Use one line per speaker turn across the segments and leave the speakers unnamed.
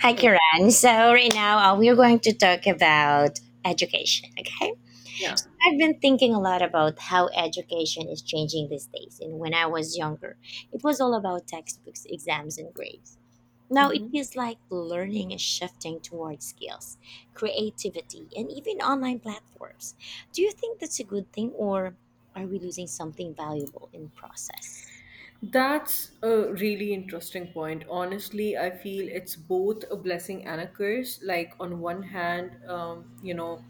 Hi, Kiran. So, right now we are going to talk about education. Okay.
Yeah.
I've been thinking a lot about how education is changing these days. And when I was younger, it was all about textbooks, exams, and grades. Now it
Mhm.
feels like learning is shifting towards skills, creativity, and even online platforms. Do you think that's a good thing, or are we losing something valuable in process?
That's a really interesting point. Honestly, I feel it's both a blessing and a curse. Like, on one hand,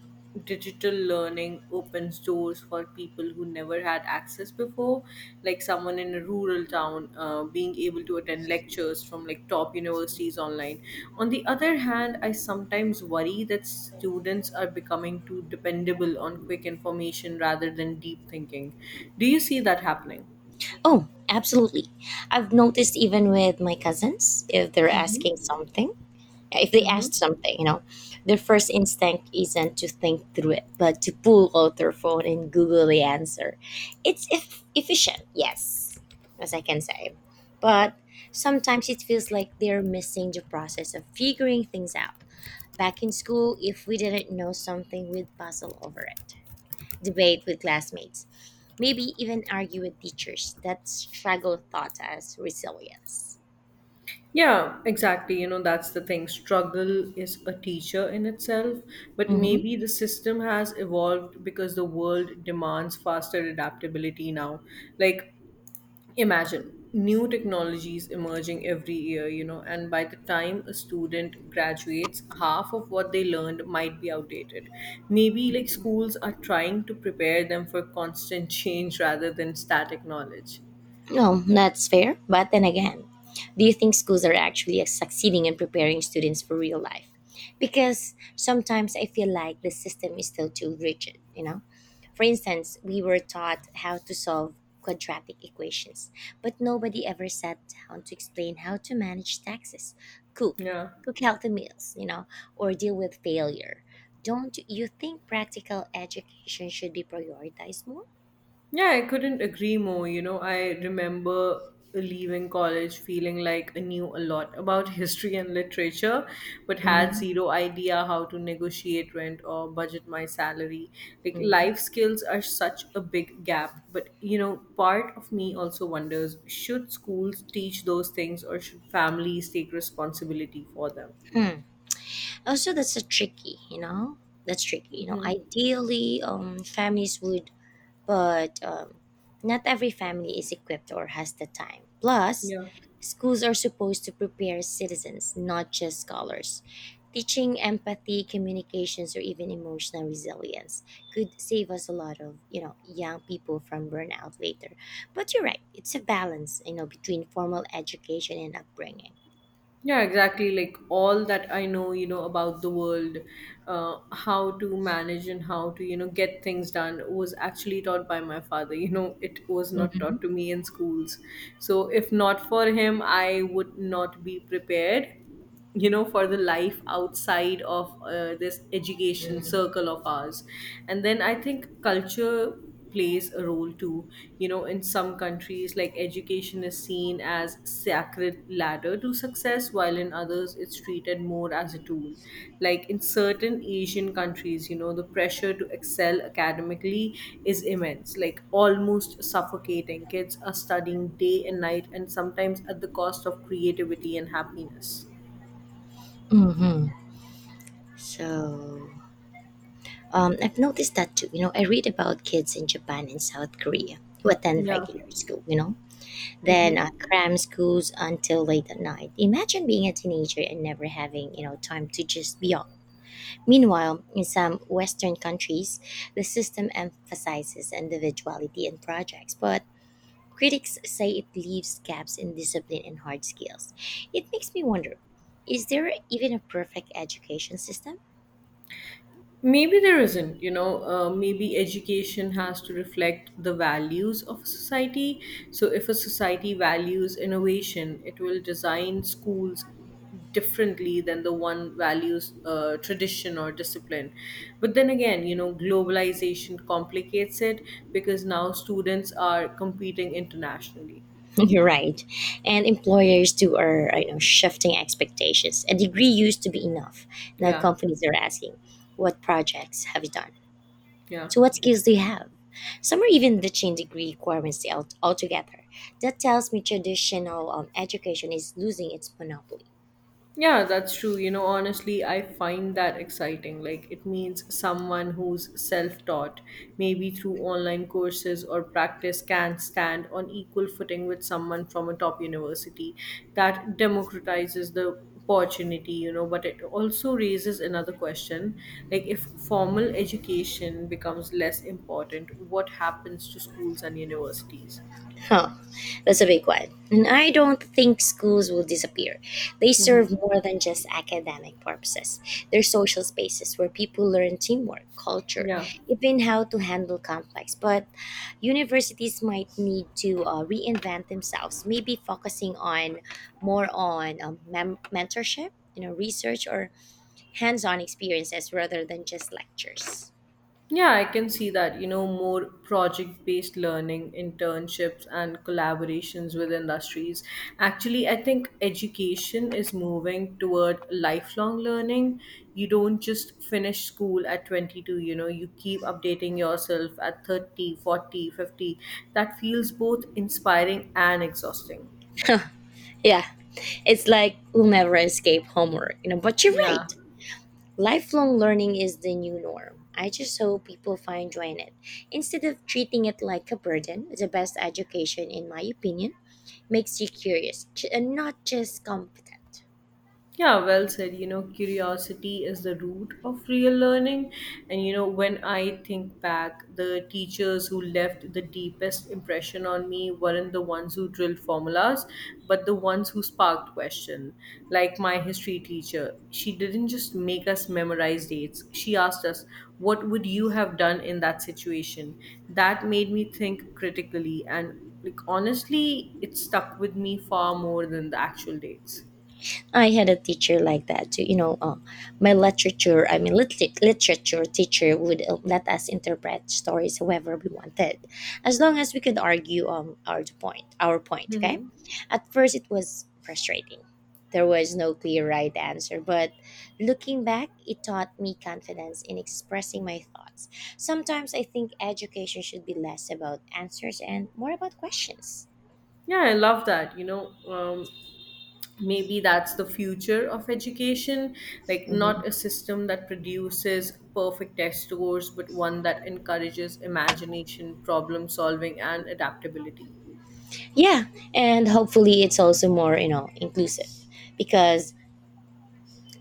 digital learning opens doors for people who never had access before, like someone in a rural town being able to attend lectures from like top universities online. On the other hand, I sometimes worry that students are becoming too dependable on quick information rather than deep thinking. Do you see that happening?
Oh, absolutely. I've noticed even with my cousins,
Hmm.
if they
Mm-hmm.
asked something, their first instinct isn't to think through it, but to pull out their phone and Google the answer. It's efficient, yes, as I can say. But sometimes it feels like they're missing the process of figuring things out. Back in school, if we didn't know something, we'd puzzle over it, debate with classmates, maybe even argue with teachers that struggle taught us resilience.
Yeah, exactly. You know, that's the thing. Struggle is a teacher in itself, but maybe the system has evolved because the world demands faster adaptability now. Like, imagine new technologies emerging every year, you know, and by the time a student graduates, half of what they learned might be outdated. Maybe like schools are trying to prepare them for constant change rather than static knowledge.
No, that's fair. But then again, do you think schools are actually succeeding in preparing students for real life? Because sometimes I feel like the system is still too rigid, you know? For instance, we were taught how to solve quadratic equations, but nobody ever sat down to explain how to manage taxes, cook,
Yeah.
cook healthy meals, you know, or deal with failure. Don't you think practical education should be prioritized more?
Yeah, I couldn't agree more. You know, I remember leaving college feeling like I knew a lot about history and literature, but had
Mm-hmm.
zero idea how to negotiate rent or budget my salary. Like, life
Hmm,
skills are such a big gap. But, you know, part of me also wonders, should schools teach those things or should families take responsibility for them?
also that's tricky, you know,
Mm-hmm.
ideally families would, but not every family is equipped or has the time, plus
Yeah.
schools are supposed to prepare citizens, not just scholars. Teaching empathy, communications, or even emotional resilience could save us a lot of, you know, young people from burnout later. But you're right, it's a balance, you know, between formal education and upbringing.
Yeah, exactly. Like all that I know, you know, about the world, how to manage and how to, you know, get things done was actually taught by my father. You know, it was not taught to
Hmm.
me in schools. So if not for him, I would not be prepared, you know, for the life outside of this education circle of ours. And then I think culture plays a role too. You know, in some countries, like, education is seen as sacred ladder to success, while in others it's treated more as a tool. Like in certain Asian countries, you know, the pressure to excel academically is immense, like almost suffocating. Kids are studying day and night, and sometimes at the cost of creativity and happiness.
Hmm. So I've noticed that too. You know, I read about kids in Japan and South Korea who attend
Yeah.
regular school, you know, then
Hmm.
cram schools until late at night. Imagine being a teenager and never having, you know, time to just be off. Meanwhile, in some Western countries, the system emphasizes individuality and projects, but critics say it leaves gaps in discipline and hard skills. It makes me wonder, is there even a perfect education system?
Maybe there isn't, you know. Maybe education has to reflect the values of a society. So, if a society values innovation, it will design schools differently than the one values tradition or discipline. But then again, you know, globalization complicates it because now students are competing internationally.
You're right. And employers too are you know, shifting expectations. A degree used to be enough. Now
Yeah,
companies are asking, what projects have you done?
yeah.
So what skills do you have? Some are even ditching degree requirements altogether. That tells me traditional education is losing its monopoly.
Yeah, that's true. You know, honestly, I find that exciting. Like, it means someone who's self taught, maybe through online courses or practice, can stand on equal footing with someone from a top university. That democratizes the opportunity, you know, but it also raises another question, like, if formal education becomes less important, what happens to schools and universities?
Oh, that's a big one. And I don't think schools will disappear. They
Mm-hmm.
serve more than just academic purposes. They're social spaces where people learn teamwork, culture,
Yeah.
even how to handle conflicts. But universities might need to reinvent themselves, maybe focusing on more on mentorship, you know, research, or hands-on experiences rather than just lectures.
Yeah, I can see that. You know, more project based learning, internships, and collaborations with industries. Actually, I think education is moving toward lifelong learning. You don't just finish school at 22, you know, you keep updating yourself at 30, 40, 50. That feels both inspiring and exhausting.
Yeah, it's like we'll never escape homework, you know. But you're
Yeah.
right. Lifelong learning is the new norm. I just hope people find joy in it. Instead of treating it like a burden, the best education, in my opinion, makes you curious and not just competent.
Yeah, well said. You know, curiosity is the root of real learning. And, you know, when I think back, the teachers who left the deepest impression on me weren't the ones who drilled formulas, but the ones who sparked question. Like my history teacher, she didn't just make us memorize dates, she asked us, what would you have done in that situation? That made me think critically. And, like, honestly, it stuck with me far more than the actual dates.
I had a teacher like that too. You know, my literature, I mean, literature teacher would let us interpret stories however we wanted, as long as we could argue our point, our point. Okay.
Mhm.
At first, it was frustrating. There was no clear right answer, but looking back, it taught me confidence in expressing my thoughts. Sometimes I think education should be less about answers and more about questions.
Yeah, I love that. Maybe that's the future of education. Like, not a system that produces perfect test scores, but one that encourages imagination, problem solving, and adaptability.
Yeah, and hopefully it's also more, you know, inclusive, because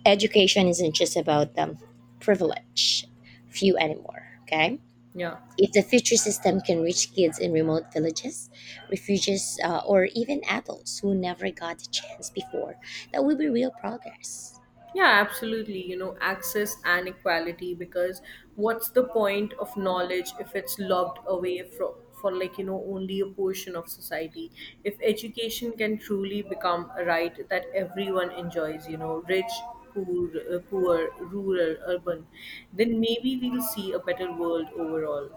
education isn't just about privilege few anymore. Okay,
Yeah.
if the future system can reach kids in remote villages, refugees, or even adults who never got a chance before, that will be real progress.
Yeah, absolutely. You know, access and equality, because what's the point of knowledge if it's locked away from, for like, you know, only a portion of society? If education can truly become a right that everyone enjoys, you know, rich, poor, poor, rural, urban, then maybe we'll see a better world overall.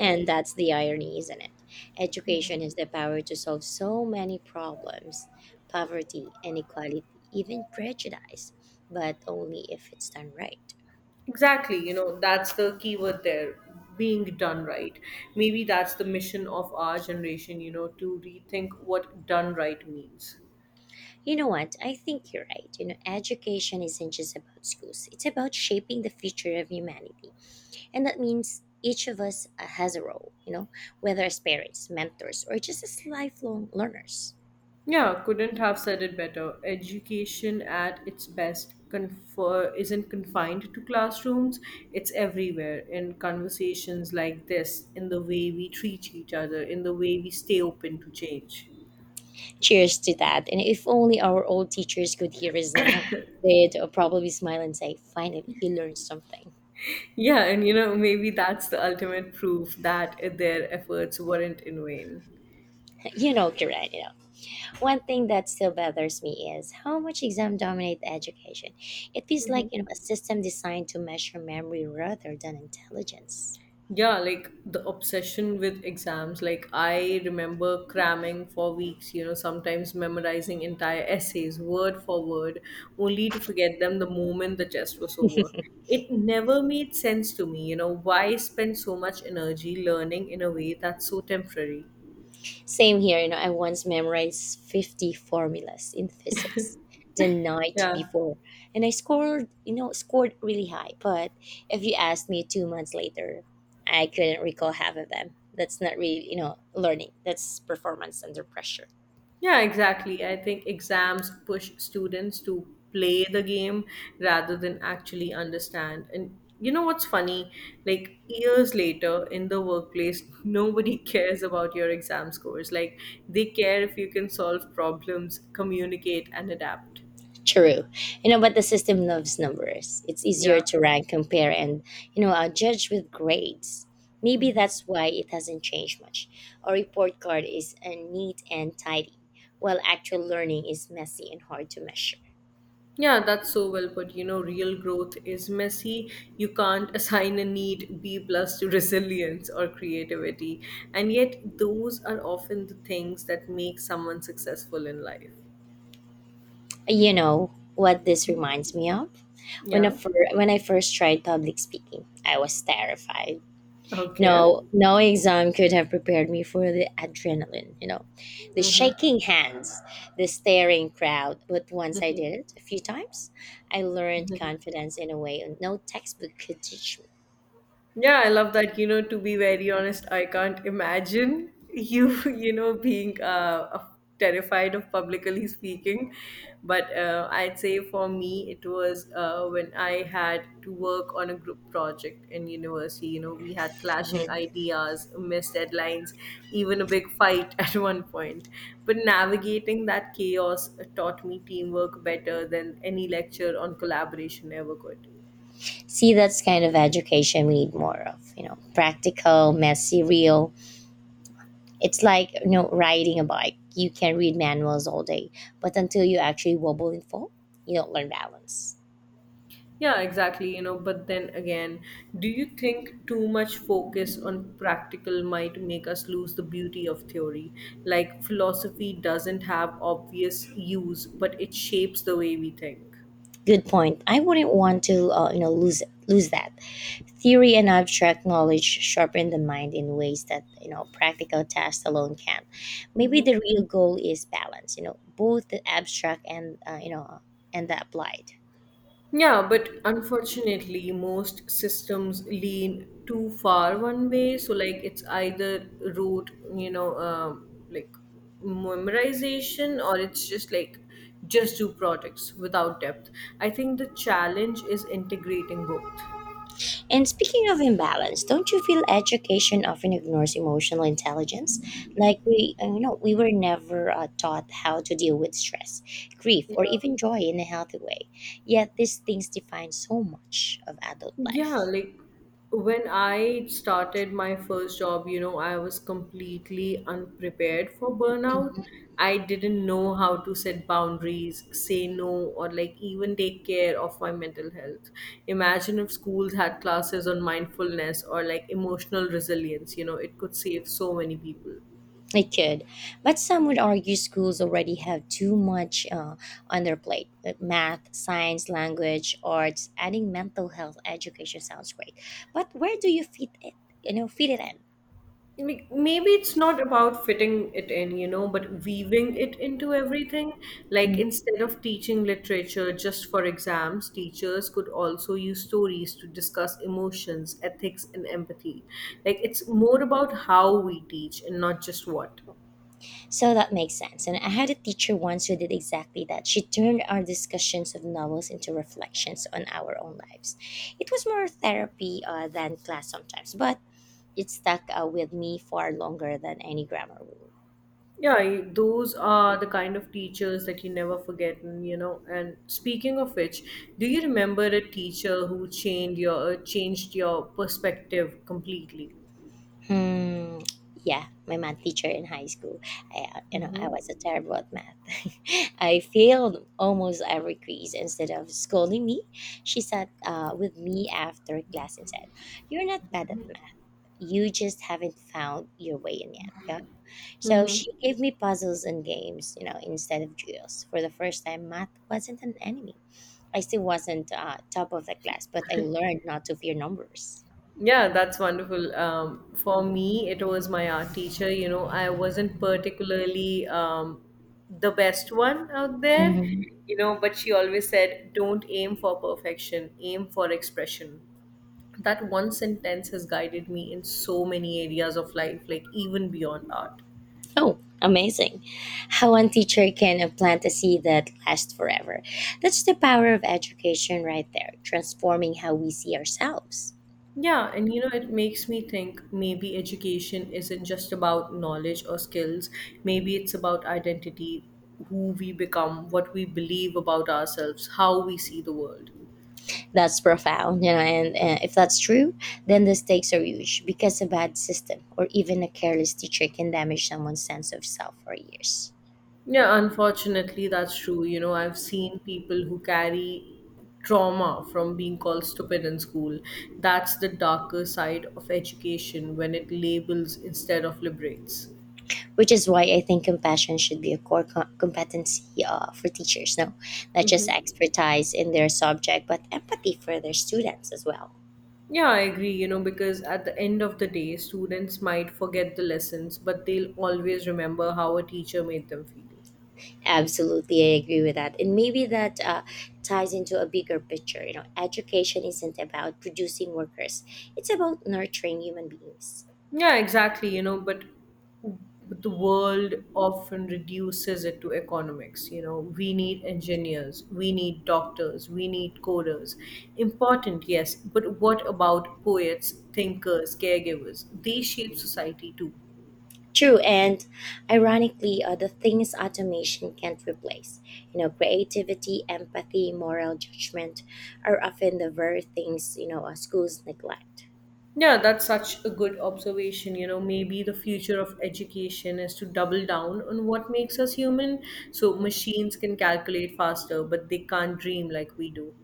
And that's the irony, isn't it? Education has the power to solve so many problems: poverty, inequality, even prejudice, but only if it's done right.
Exactly, you know, that's the keyword there, being done right. Maybe that's the mission of our generation, you know, to rethink what done right means.
You know what? I think you're right. You know, education isn't just about schools. It's about shaping the future of humanity. And that means each of us has a role, you know, whether as parents, mentors, or just as lifelong learners.
Yeah, couldn't have said it better. Education at its best isn't confined to classrooms, it's everywhere, in conversations like this, in the way we treat each other, in the way we stay open to change.
Cheers to that. And if only our old teachers could hear us now, they'd probably smile and say, finally, you learned something.
Yeah, and you know, maybe that's the ultimate proof that their efforts weren't in vain.
You know, Kiran, you know. One thing that still bothers me is how much exam dominate education. It feels like, you know, a system designed to measure memory rather than intelligence.
Yeah, like the obsession with exams. Like, I remember cramming for weeks, you know, sometimes memorizing entire essays word for word, only to forget them the moment the test was over. It never made sense to me, you know. Why spend so much energy learning in a way that's so temporary?
Same here, you know, I once memorized 50 formulas in physics the night
Yeah.
before, and I scored, you know, scored really high, but if you asked me 2 months later, I couldn't recall half of them. That's not really, you know, learning. That's performance under pressure.
Yeah, exactly. I think exams push students to play the game rather than actually understand. And you know what's funny? Like years later in the workplace, nobody cares about your exam scores. Like, they care if you can solve problems, communicate, and adapt.
True. You know, but the system loves numbers. It's easier
Yeah.
to rank, compare, and, you know, judge with grades. Maybe
Mm-hmm.
that's why it hasn't changed much. A report card is neat and tidy, while actual learning is messy and hard to measure.
Yeah, that's so well put. You know, real growth is messy. You can't assign a need B plus to resilience or creativity. And yet those are often the things that make someone successful in life.
You know what this reminds me of? When I,
Yeah.
when I first tried public speaking, I was terrified.
Okay.
No, no exam could have prepared me for the adrenaline, you know, the shaking hands, the staring crowd. But once I did it a few times, I learned confidence in a way no textbook could teach me.
Yeah, I love that. You know, to be very honest, I can't imagine you, you know, being terrified of publicly speaking. But I'd say for me, it was when I had to work on a group project in university. You know, we had clashing
Mhm.
ideas, missed deadlines, even a big fight at one point. But navigating that chaos taught me teamwork better than any lecture on collaboration ever could.
See, that's kind of education we need more of, you know, practical, messy, real. It's like, you know, riding a bike. You can read manuals all day, but until you actually wobble and fall, you don't learn balance.
Yeah, exactly. You know, but then again, do you think too much focus on practical might make us lose the beauty of theory? Like, philosophy doesn't have obvious use, but it shapes the way we think.
Good point. I wouldn't want to, you know, lose that. Theory and abstract knowledge sharpen the mind in ways that, you know, practical tasks alone can. Maybe the real goal is balance. You know, both the abstract and, you know, and the applied.
Yeah, but unfortunately, most systems lean too far one way. So, like, it's either rote, like memorization, or it's just like just do products without depth. I think the challenge is integrating both.
And speaking of imbalance, don't you feel education often ignores emotional intelligence? Like we, you know, we were never taught how to deal with stress, grief,
Yeah.
or even joy in a healthy way. Yet these things define so much of adult
Yeah,
life.
like when I started my first job, you know, I was completely unprepared for burnout.
Mhm.
I didn't know how to set boundaries, say no, or like even take care of my mental health. Imagine if schools had classes on mindfulness or like emotional resilience, you know, it could save so many people.
It could, but some would argue schools already have too much on their plate. Math, science, language, arts. Adding mental health education sounds great, but where do you fit it? You know, fit it in?
Like, maybe it's not about fitting it in, you know, but weaving it into everything. Like instead of teaching literature just for exams, teachers could also use stories to discuss emotions, ethics, and empathy. Like it's more about how we teach and not just what.
So that makes sense. And I had a teacher once who did exactly that. She turned our discussions of novels into reflections on our own lives. It was more therapy than class sometimes, but it stuck with me far longer than any grammar rule.
Yeah, those are the kind of teachers that you never forget, and, you know. And speaking of which, do you remember a teacher who changed your perspective completely?
Hmm. Yeah, my math teacher in high school. I, you know, I
Mm-hmm.
was a terrible at math. I failed almost every quiz. Instead of scolding me, she sat with me after class and said, "You're not bad at math. You just haven't found your way in yet." Yeah. So
Mm-hmm.
she gave me puzzles and games, you know, instead of drills. For the first time, math wasn't an enemy. I still wasn't top of the class, but I learned not to fear numbers.
Yeah, that's wonderful. For me, it was my art teacher. You know, I wasn't particularly the best one out there, you know, but she always said, don't aim for perfection, aim for expression. That one sentence has guided me in so many areas of life, like even beyond art.
Oh, amazing. How one teacher can plant a seed that lasts forever. That's the power of education right there, transforming how we see ourselves.
Yeah, and you know, it makes me think, maybe education isn't just about knowledge or skills. Maybe it's about identity, who we become, what we believe about ourselves, how we see the world.
That's profound, you know, and if that's true, then the stakes are huge because a bad system or even a careless teacher can damage someone's sense of self for years.
Yeah, unfortunately, that's true. You know, I've seen people who carry trauma from being called stupid in school. That's the darker side of education, when it labels instead of liberates.
Which is why I think compassion should be a core competency for teachers, no? Not just
Hmm.
expertise in their subject, but empathy for their students as well.
Yeah, I agree, you know, because at the end of the day, students might forget the lessons, but they'll always remember how a teacher made them feel.
Absolutely, I agree with that. And maybe that ties into a bigger picture. You know, education isn't about producing workers, it's about nurturing human beings.
Yeah, exactly, you know, but the world often reduces it to economics. You know, we need engineers, we need doctors, we need coders. Important, yes, but what about poets, thinkers, caregivers? They shape society too.
True, and ironically, the things automation can't replace, you know, creativity, empathy, moral judgment, are often the very things, you know, schools neglect.
Yeah, that's such a good observation. You know, maybe the future of education is to double down on what makes us human. So machines can calculate faster, but they can't dream like we do.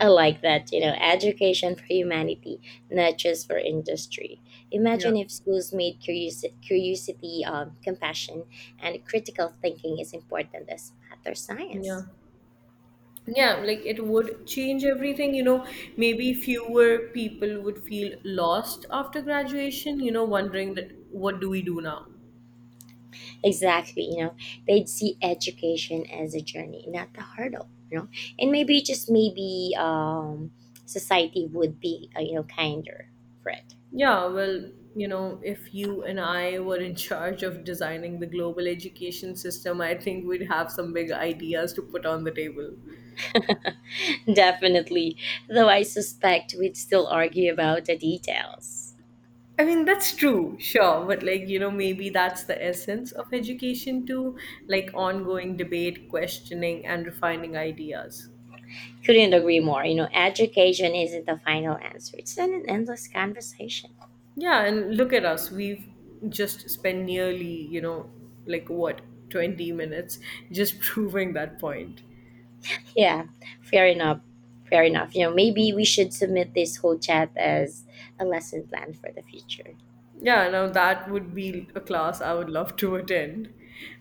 I like that, you know, education for humanity, not just for industry.
Yeah.
Imagine if schools made curiosity, compassion, and critical thinking as important as math or
Yeah.
science.
Yeah, like it would change everything. You know, maybe fewer people would feel lost after graduation, you know, wondering that, what do we do now?
Exactly, you know, they'd see education as a journey, not a hurdle, you know, and maybe just maybe society would be, you know, kinder for it.
Yeah, well, you know, if you and I were in charge of designing the global education system, I think we'd have some big ideas to put on the table.
Definitely, though I suspect we'd still argue about the details.
I mean, that's true, sure, but like, you know, maybe that's the essence of education too, like ongoing debate, questioning, and refining ideas.
Couldn't agree more. You know, education isn't the final answer. It's not an endless conversation.
Yeah, and look at us. We've just spent nearly, you know, like what, 20 minutes just proving that point.
Yeah, fair enough. Fair enough. You know, maybe we should submit this whole chat as a lesson plan for the future.
Yeah, now that would be a class I would love to attend.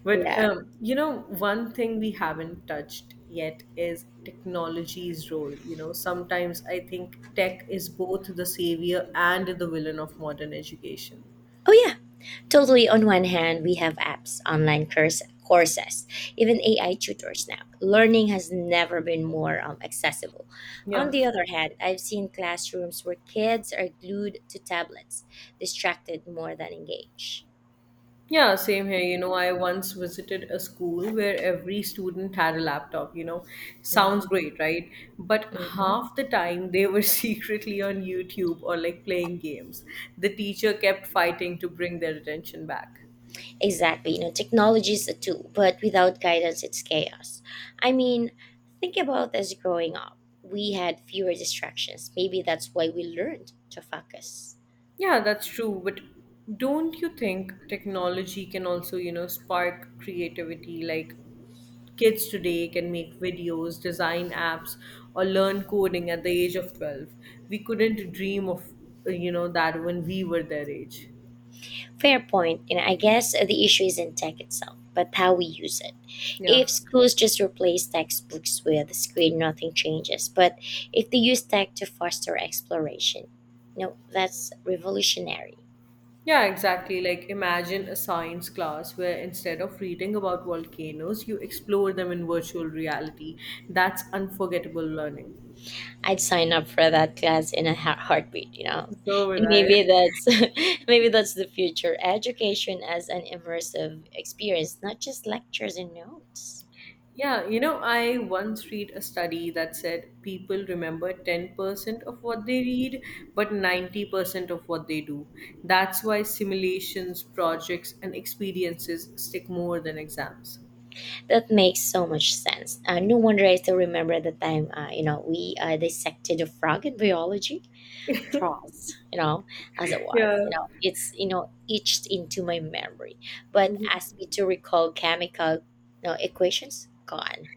But
Yeah.
you know, one thing we haven't touched yet is technology's role. Sometimes I think tech is both the savior and the villain of modern education.
Oh yeah. Totally. On one hand, we have apps, online curse courses, even AI tutors now. Learning has never been more accessible. On
Yeah.
the other hand, I've seen classrooms where kids are glued to tablets, distracted more than engaged.
Yeah, same here. I once visited a school where every student had a laptop. Sounds
Mhm.
great, right? But
Mhm.
half the time they were secretly on YouTube or like playing games. The teacher kept fighting to bring their attention back.
Exactly. Technology is a tool, but without guidance, it's chaos. I mean, think about us growing up. We had fewer distractions. Maybe that's why we learned to focus.
Yeah, that's true. But don't you think technology can also, spark creativity? Like kids today can make videos, design apps, or learn coding at the age of 12. We couldn't dream of that when we were their age.
Fair point. I guess the issue isn't tech itself, but how we use it.
Yeah.
If schools just replace textbooks with a screen, nothing changes. But if they use tech to foster exploration, that's revolutionary.
Yeah, exactly. Like imagine a science class where instead of reading about volcanoes, you explore them in virtual reality. That's unforgettable learning.
I'd sign up for that class in a heartbeat.
So would
And
I.
maybe that's maybe that's the future education as an immersive experience, not just lectures and notes.
Yeah, I once read a study that said people remember 10% of what they read, but 90% of what they do. That's why simulations, projects, and experiences stick more than exams.
That makes so much sense. No wonder I still remember the time, we dissected a frog in biology pros. As it was,
Yeah.
you know, etched into my memory, but asked me to recall chemical, equations gone.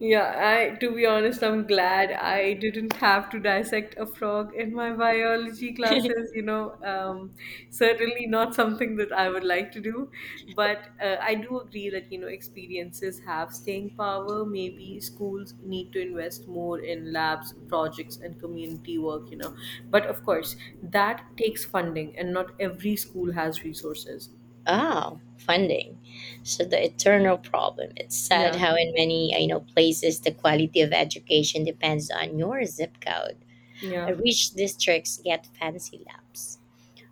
Yeah, I to be honest, I'm glad I didn't have to dissect a frog in my biology classes. Certainly not something that I would like to do. But I do agree that experiences have staying power. Maybe schools need to invest more in labs, projects, and community work. But of course that takes funding, and not every school has resources.
Oh, funding. So the eternal problem. It's sad
Yeah,
how in many I know places the quality of education depends on your zip code.
yeah.
A rich districts get fancy labs.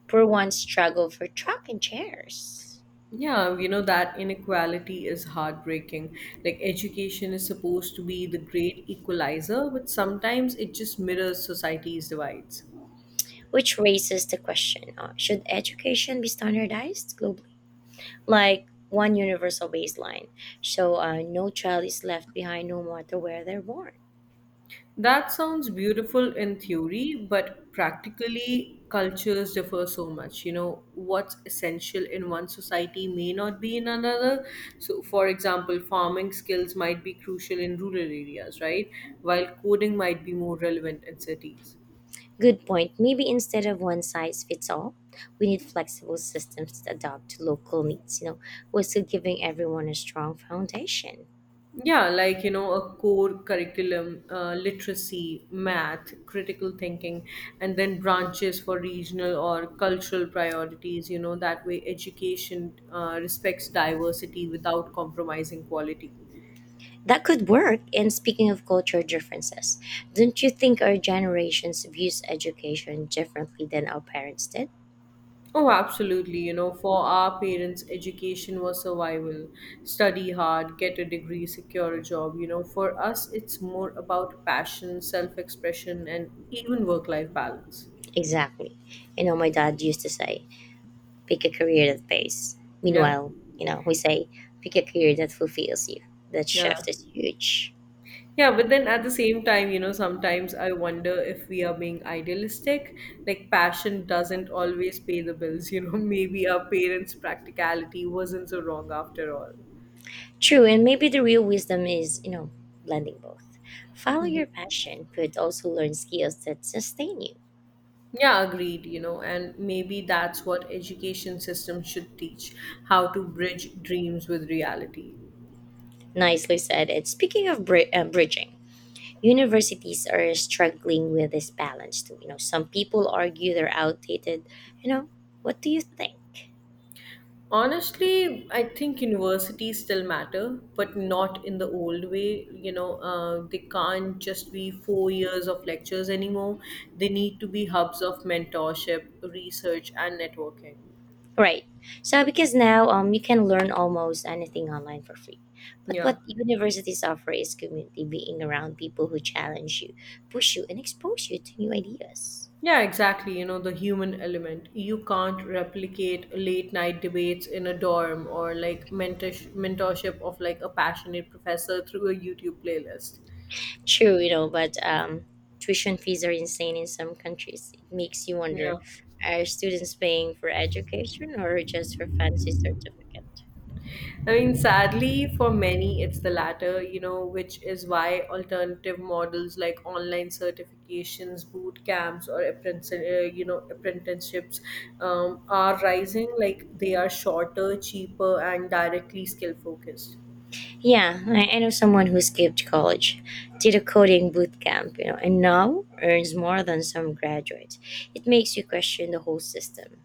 Poor ones struggle for truck and chairs.
Yeah, that inequality is heartbreaking. Like, education is supposed to be the great equalizer, but sometimes it just mirrors society's divides.
Which raises the question: should education be standardized globally, like one universal baseline, so no child is left behind, no matter where they're born?
That sounds beautiful in theory, but practically, cultures differ so much. What's essential in one society may not be in another. So, for example, farming skills might be crucial in rural areas, right? While coding might be more relevant in cities.
Good point. Maybe instead of one size fits all, we need flexible systems that adapt to local needs, while still giving everyone a strong foundation.
Yeah, like, a core curriculum, literacy, math, critical thinking, and then branches for regional or cultural priorities. That way education respects diversity without compromising quality.
That could work. And speaking of cultural differences, don't you think our generations views education differently than our parents did?
Oh, absolutely. For our parents, education was survival. Study hard, get a degree, secure a job. For us, it's more about passion, self expression, and even work life balance.
Exactly. You know, my dad used to say, pick a career that pays.
Yeah,
Meanwhile, we say, pick a career that fulfills you. That
yeah.
shift is huge.
Yeah, but then at the same time, sometimes I wonder if we are being idealistic. Like, passion doesn't always pay the bills. Maybe our parents' practicality wasn't so wrong after all.
True, and maybe the real wisdom is, blending both. Follow your passion, but also learn skills that sustain you.
Yeah, agreed, and maybe that's what education system should teach, how to bridge dreams with reality.
Nicely said. And speaking of bridging, universities are struggling with this balance too. You know, some people argue they're outdated. You know, what do you think?
Honestly, I think universities still matter, but not in the old way. They can't just be 4 years of lectures anymore. They need to be hubs of mentorship, research, and networking.
Right. So because now you can learn almost anything online for free. But
Yeah.
what universities offer is community, being around people who challenge you, push you, and expose you to new ideas.
Yeah, exactly. The human element. You can't replicate late night debates in a dorm or like mentorship of like a passionate professor through a YouTube playlist.
True, but tuition fees are insane in some countries. It makes you wonder,
Yeah.
are students paying for education or just for fancy certificate?
I mean, sadly, for many, it's the latter, which is why alternative models like online certifications, boot camps, or apprenticeships are rising. Like they are shorter, cheaper, and directly skill focused.
Yeah, I know someone who skipped college, did a coding boot camp, and now earns more than some graduates. It makes you question the whole system.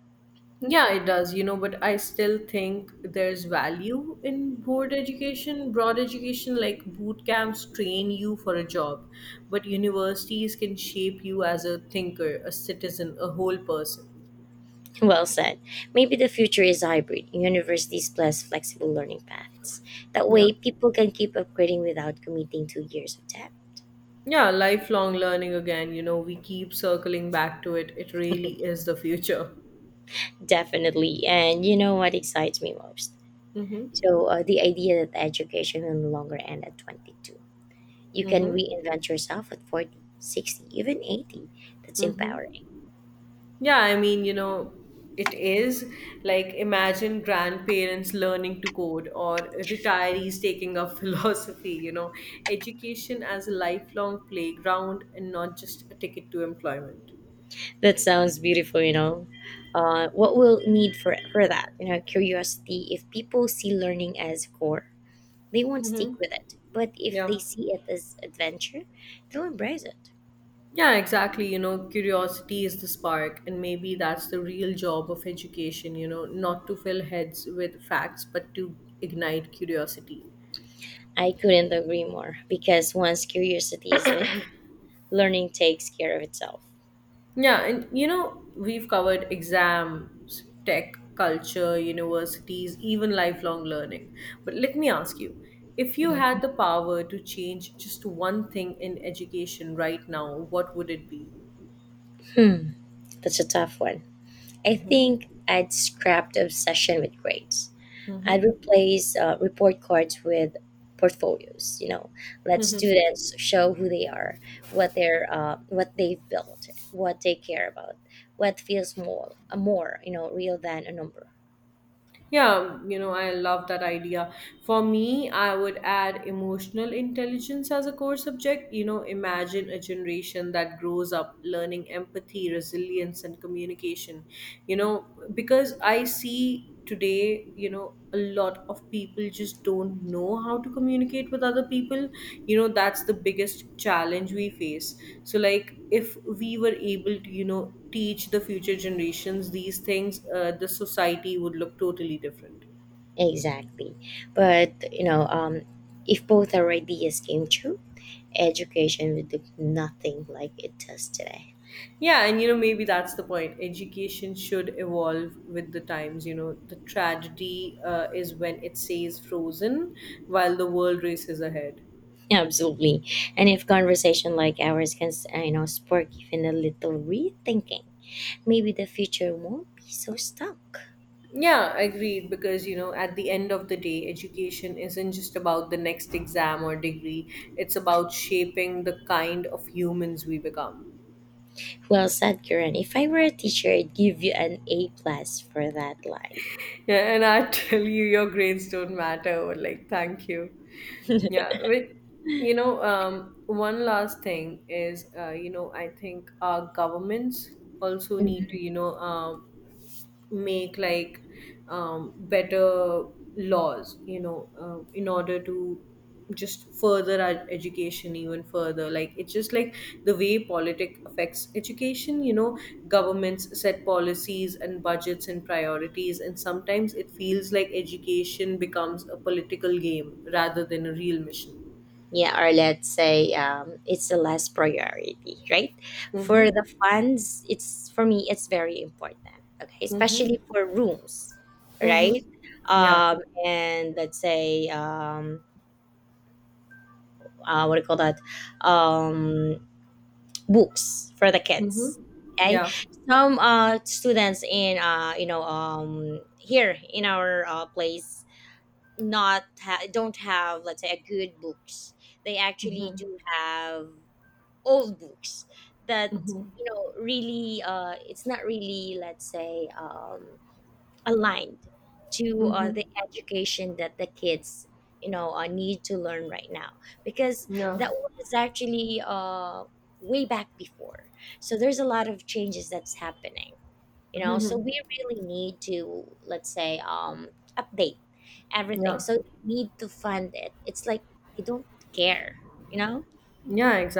Yeah, it does, but I still think there's value in broad education, like boot camps train you for a job, but universities can shape you as a thinker, a citizen, a whole person.
Well said. Maybe the future is hybrid, universities plus flexible learning paths. That
Yeah.
way, people can keep upgrading without committing 2 years of debt.
Yeah, lifelong learning again, we keep circling back to it. It really is the future.
Definitely. And you know what excites me most?
Mm-hmm.
So, the idea that education will no longer end at 22. You can
Mm-hmm.
reinvent yourself at 40, 60, even 80. That's
Mm-hmm.
empowering.
Yeah, I mean, it is like imagine grandparents learning to code or retirees taking up philosophy, education as a lifelong playground and not just a ticket to employment.
That sounds beautiful, What we'll need for that? You know, curiosity. If people see learning as core, they won't
Mm-hmm.
stick with it. But if they
Yeah.
see it as adventure, they'll embrace it.
Yeah, exactly. Curiosity is the spark, and maybe that's the real job of education, not to fill heads with facts, but to ignite curiosity.
I couldn't agree more because once curiosity is lit, learning takes care of itself.
Yeah, and we've covered exams, tech, culture, universities, even lifelong learning. But let me ask you if you had the
Mm-hmm.
power to change just one thing in education right now, what would it be?
Hmm, that's a tough one. I think I'd scrap the obsession with grades. I'd replace report cards with portfolios. You know, let students show who they are, what they're, what they've built, what they care about, what feels more real than a number.
Yeah, I love that idea. For me, I would add emotional intelligence as a core subject. Imagine a generation that grows up learning empathy, resilience, and communication. You know, because I see today, a lot of people just don't know how to communicate with other people. That's the biggest challenge we face. So, like, if we were able to, teach the future generations these things, the society would look totally different.
Exactly, but if both our ideas came true, education would look nothing like it does today.
Yeah, and maybe that's the point. Education should evolve with the times. The tragedy is when it stays frozen while the world races ahead.
Absolutely. And if conversation like ours can, spark even a little rethinking, maybe the future won't be so stuck.
Yeah, agreed. Because, at the end of the day, education isn't just about the next exam or degree, it's about shaping the kind of humans we become.
Well said, Karen. If I were a teacher, I'd give you an A plus for that line.
Yeah, and I tell you, your grades don't matter. Like, thank you. Yeah, with one last thing is, I think our governments also need to,
Mhm.
make like better laws, in order to just further our education even further. Like it's just like the way politic affects education. Governments set policies and budgets and priorities, and sometimes it feels like education becomes a political game rather than a real mission.
Yeah, or let's say it's the last priority, right? For
Mhm.
the funds, it's for me, it's very important. Okay,
Mhm.
especially for rooms,
Mhm.
right?
Yeah.
And let's say, what do you call that, um, books for the
Mhm.
kids, okay,
Yeah.
some students in, here in our place, not ha- don't have, let's say, a good books. They actually
Mhm.
do have old books that,
Mhm.
really, it's not really, let's say, aligned to
Mhm.
the education that the kids, need to learn right now, because
Yeah.
that was actually, way back before. So there's a lot of changes that's happening, so we really need to, let's say, update everything,
Yeah.
so they need to fund it. It's like they don't care you know
Yeah, exactly.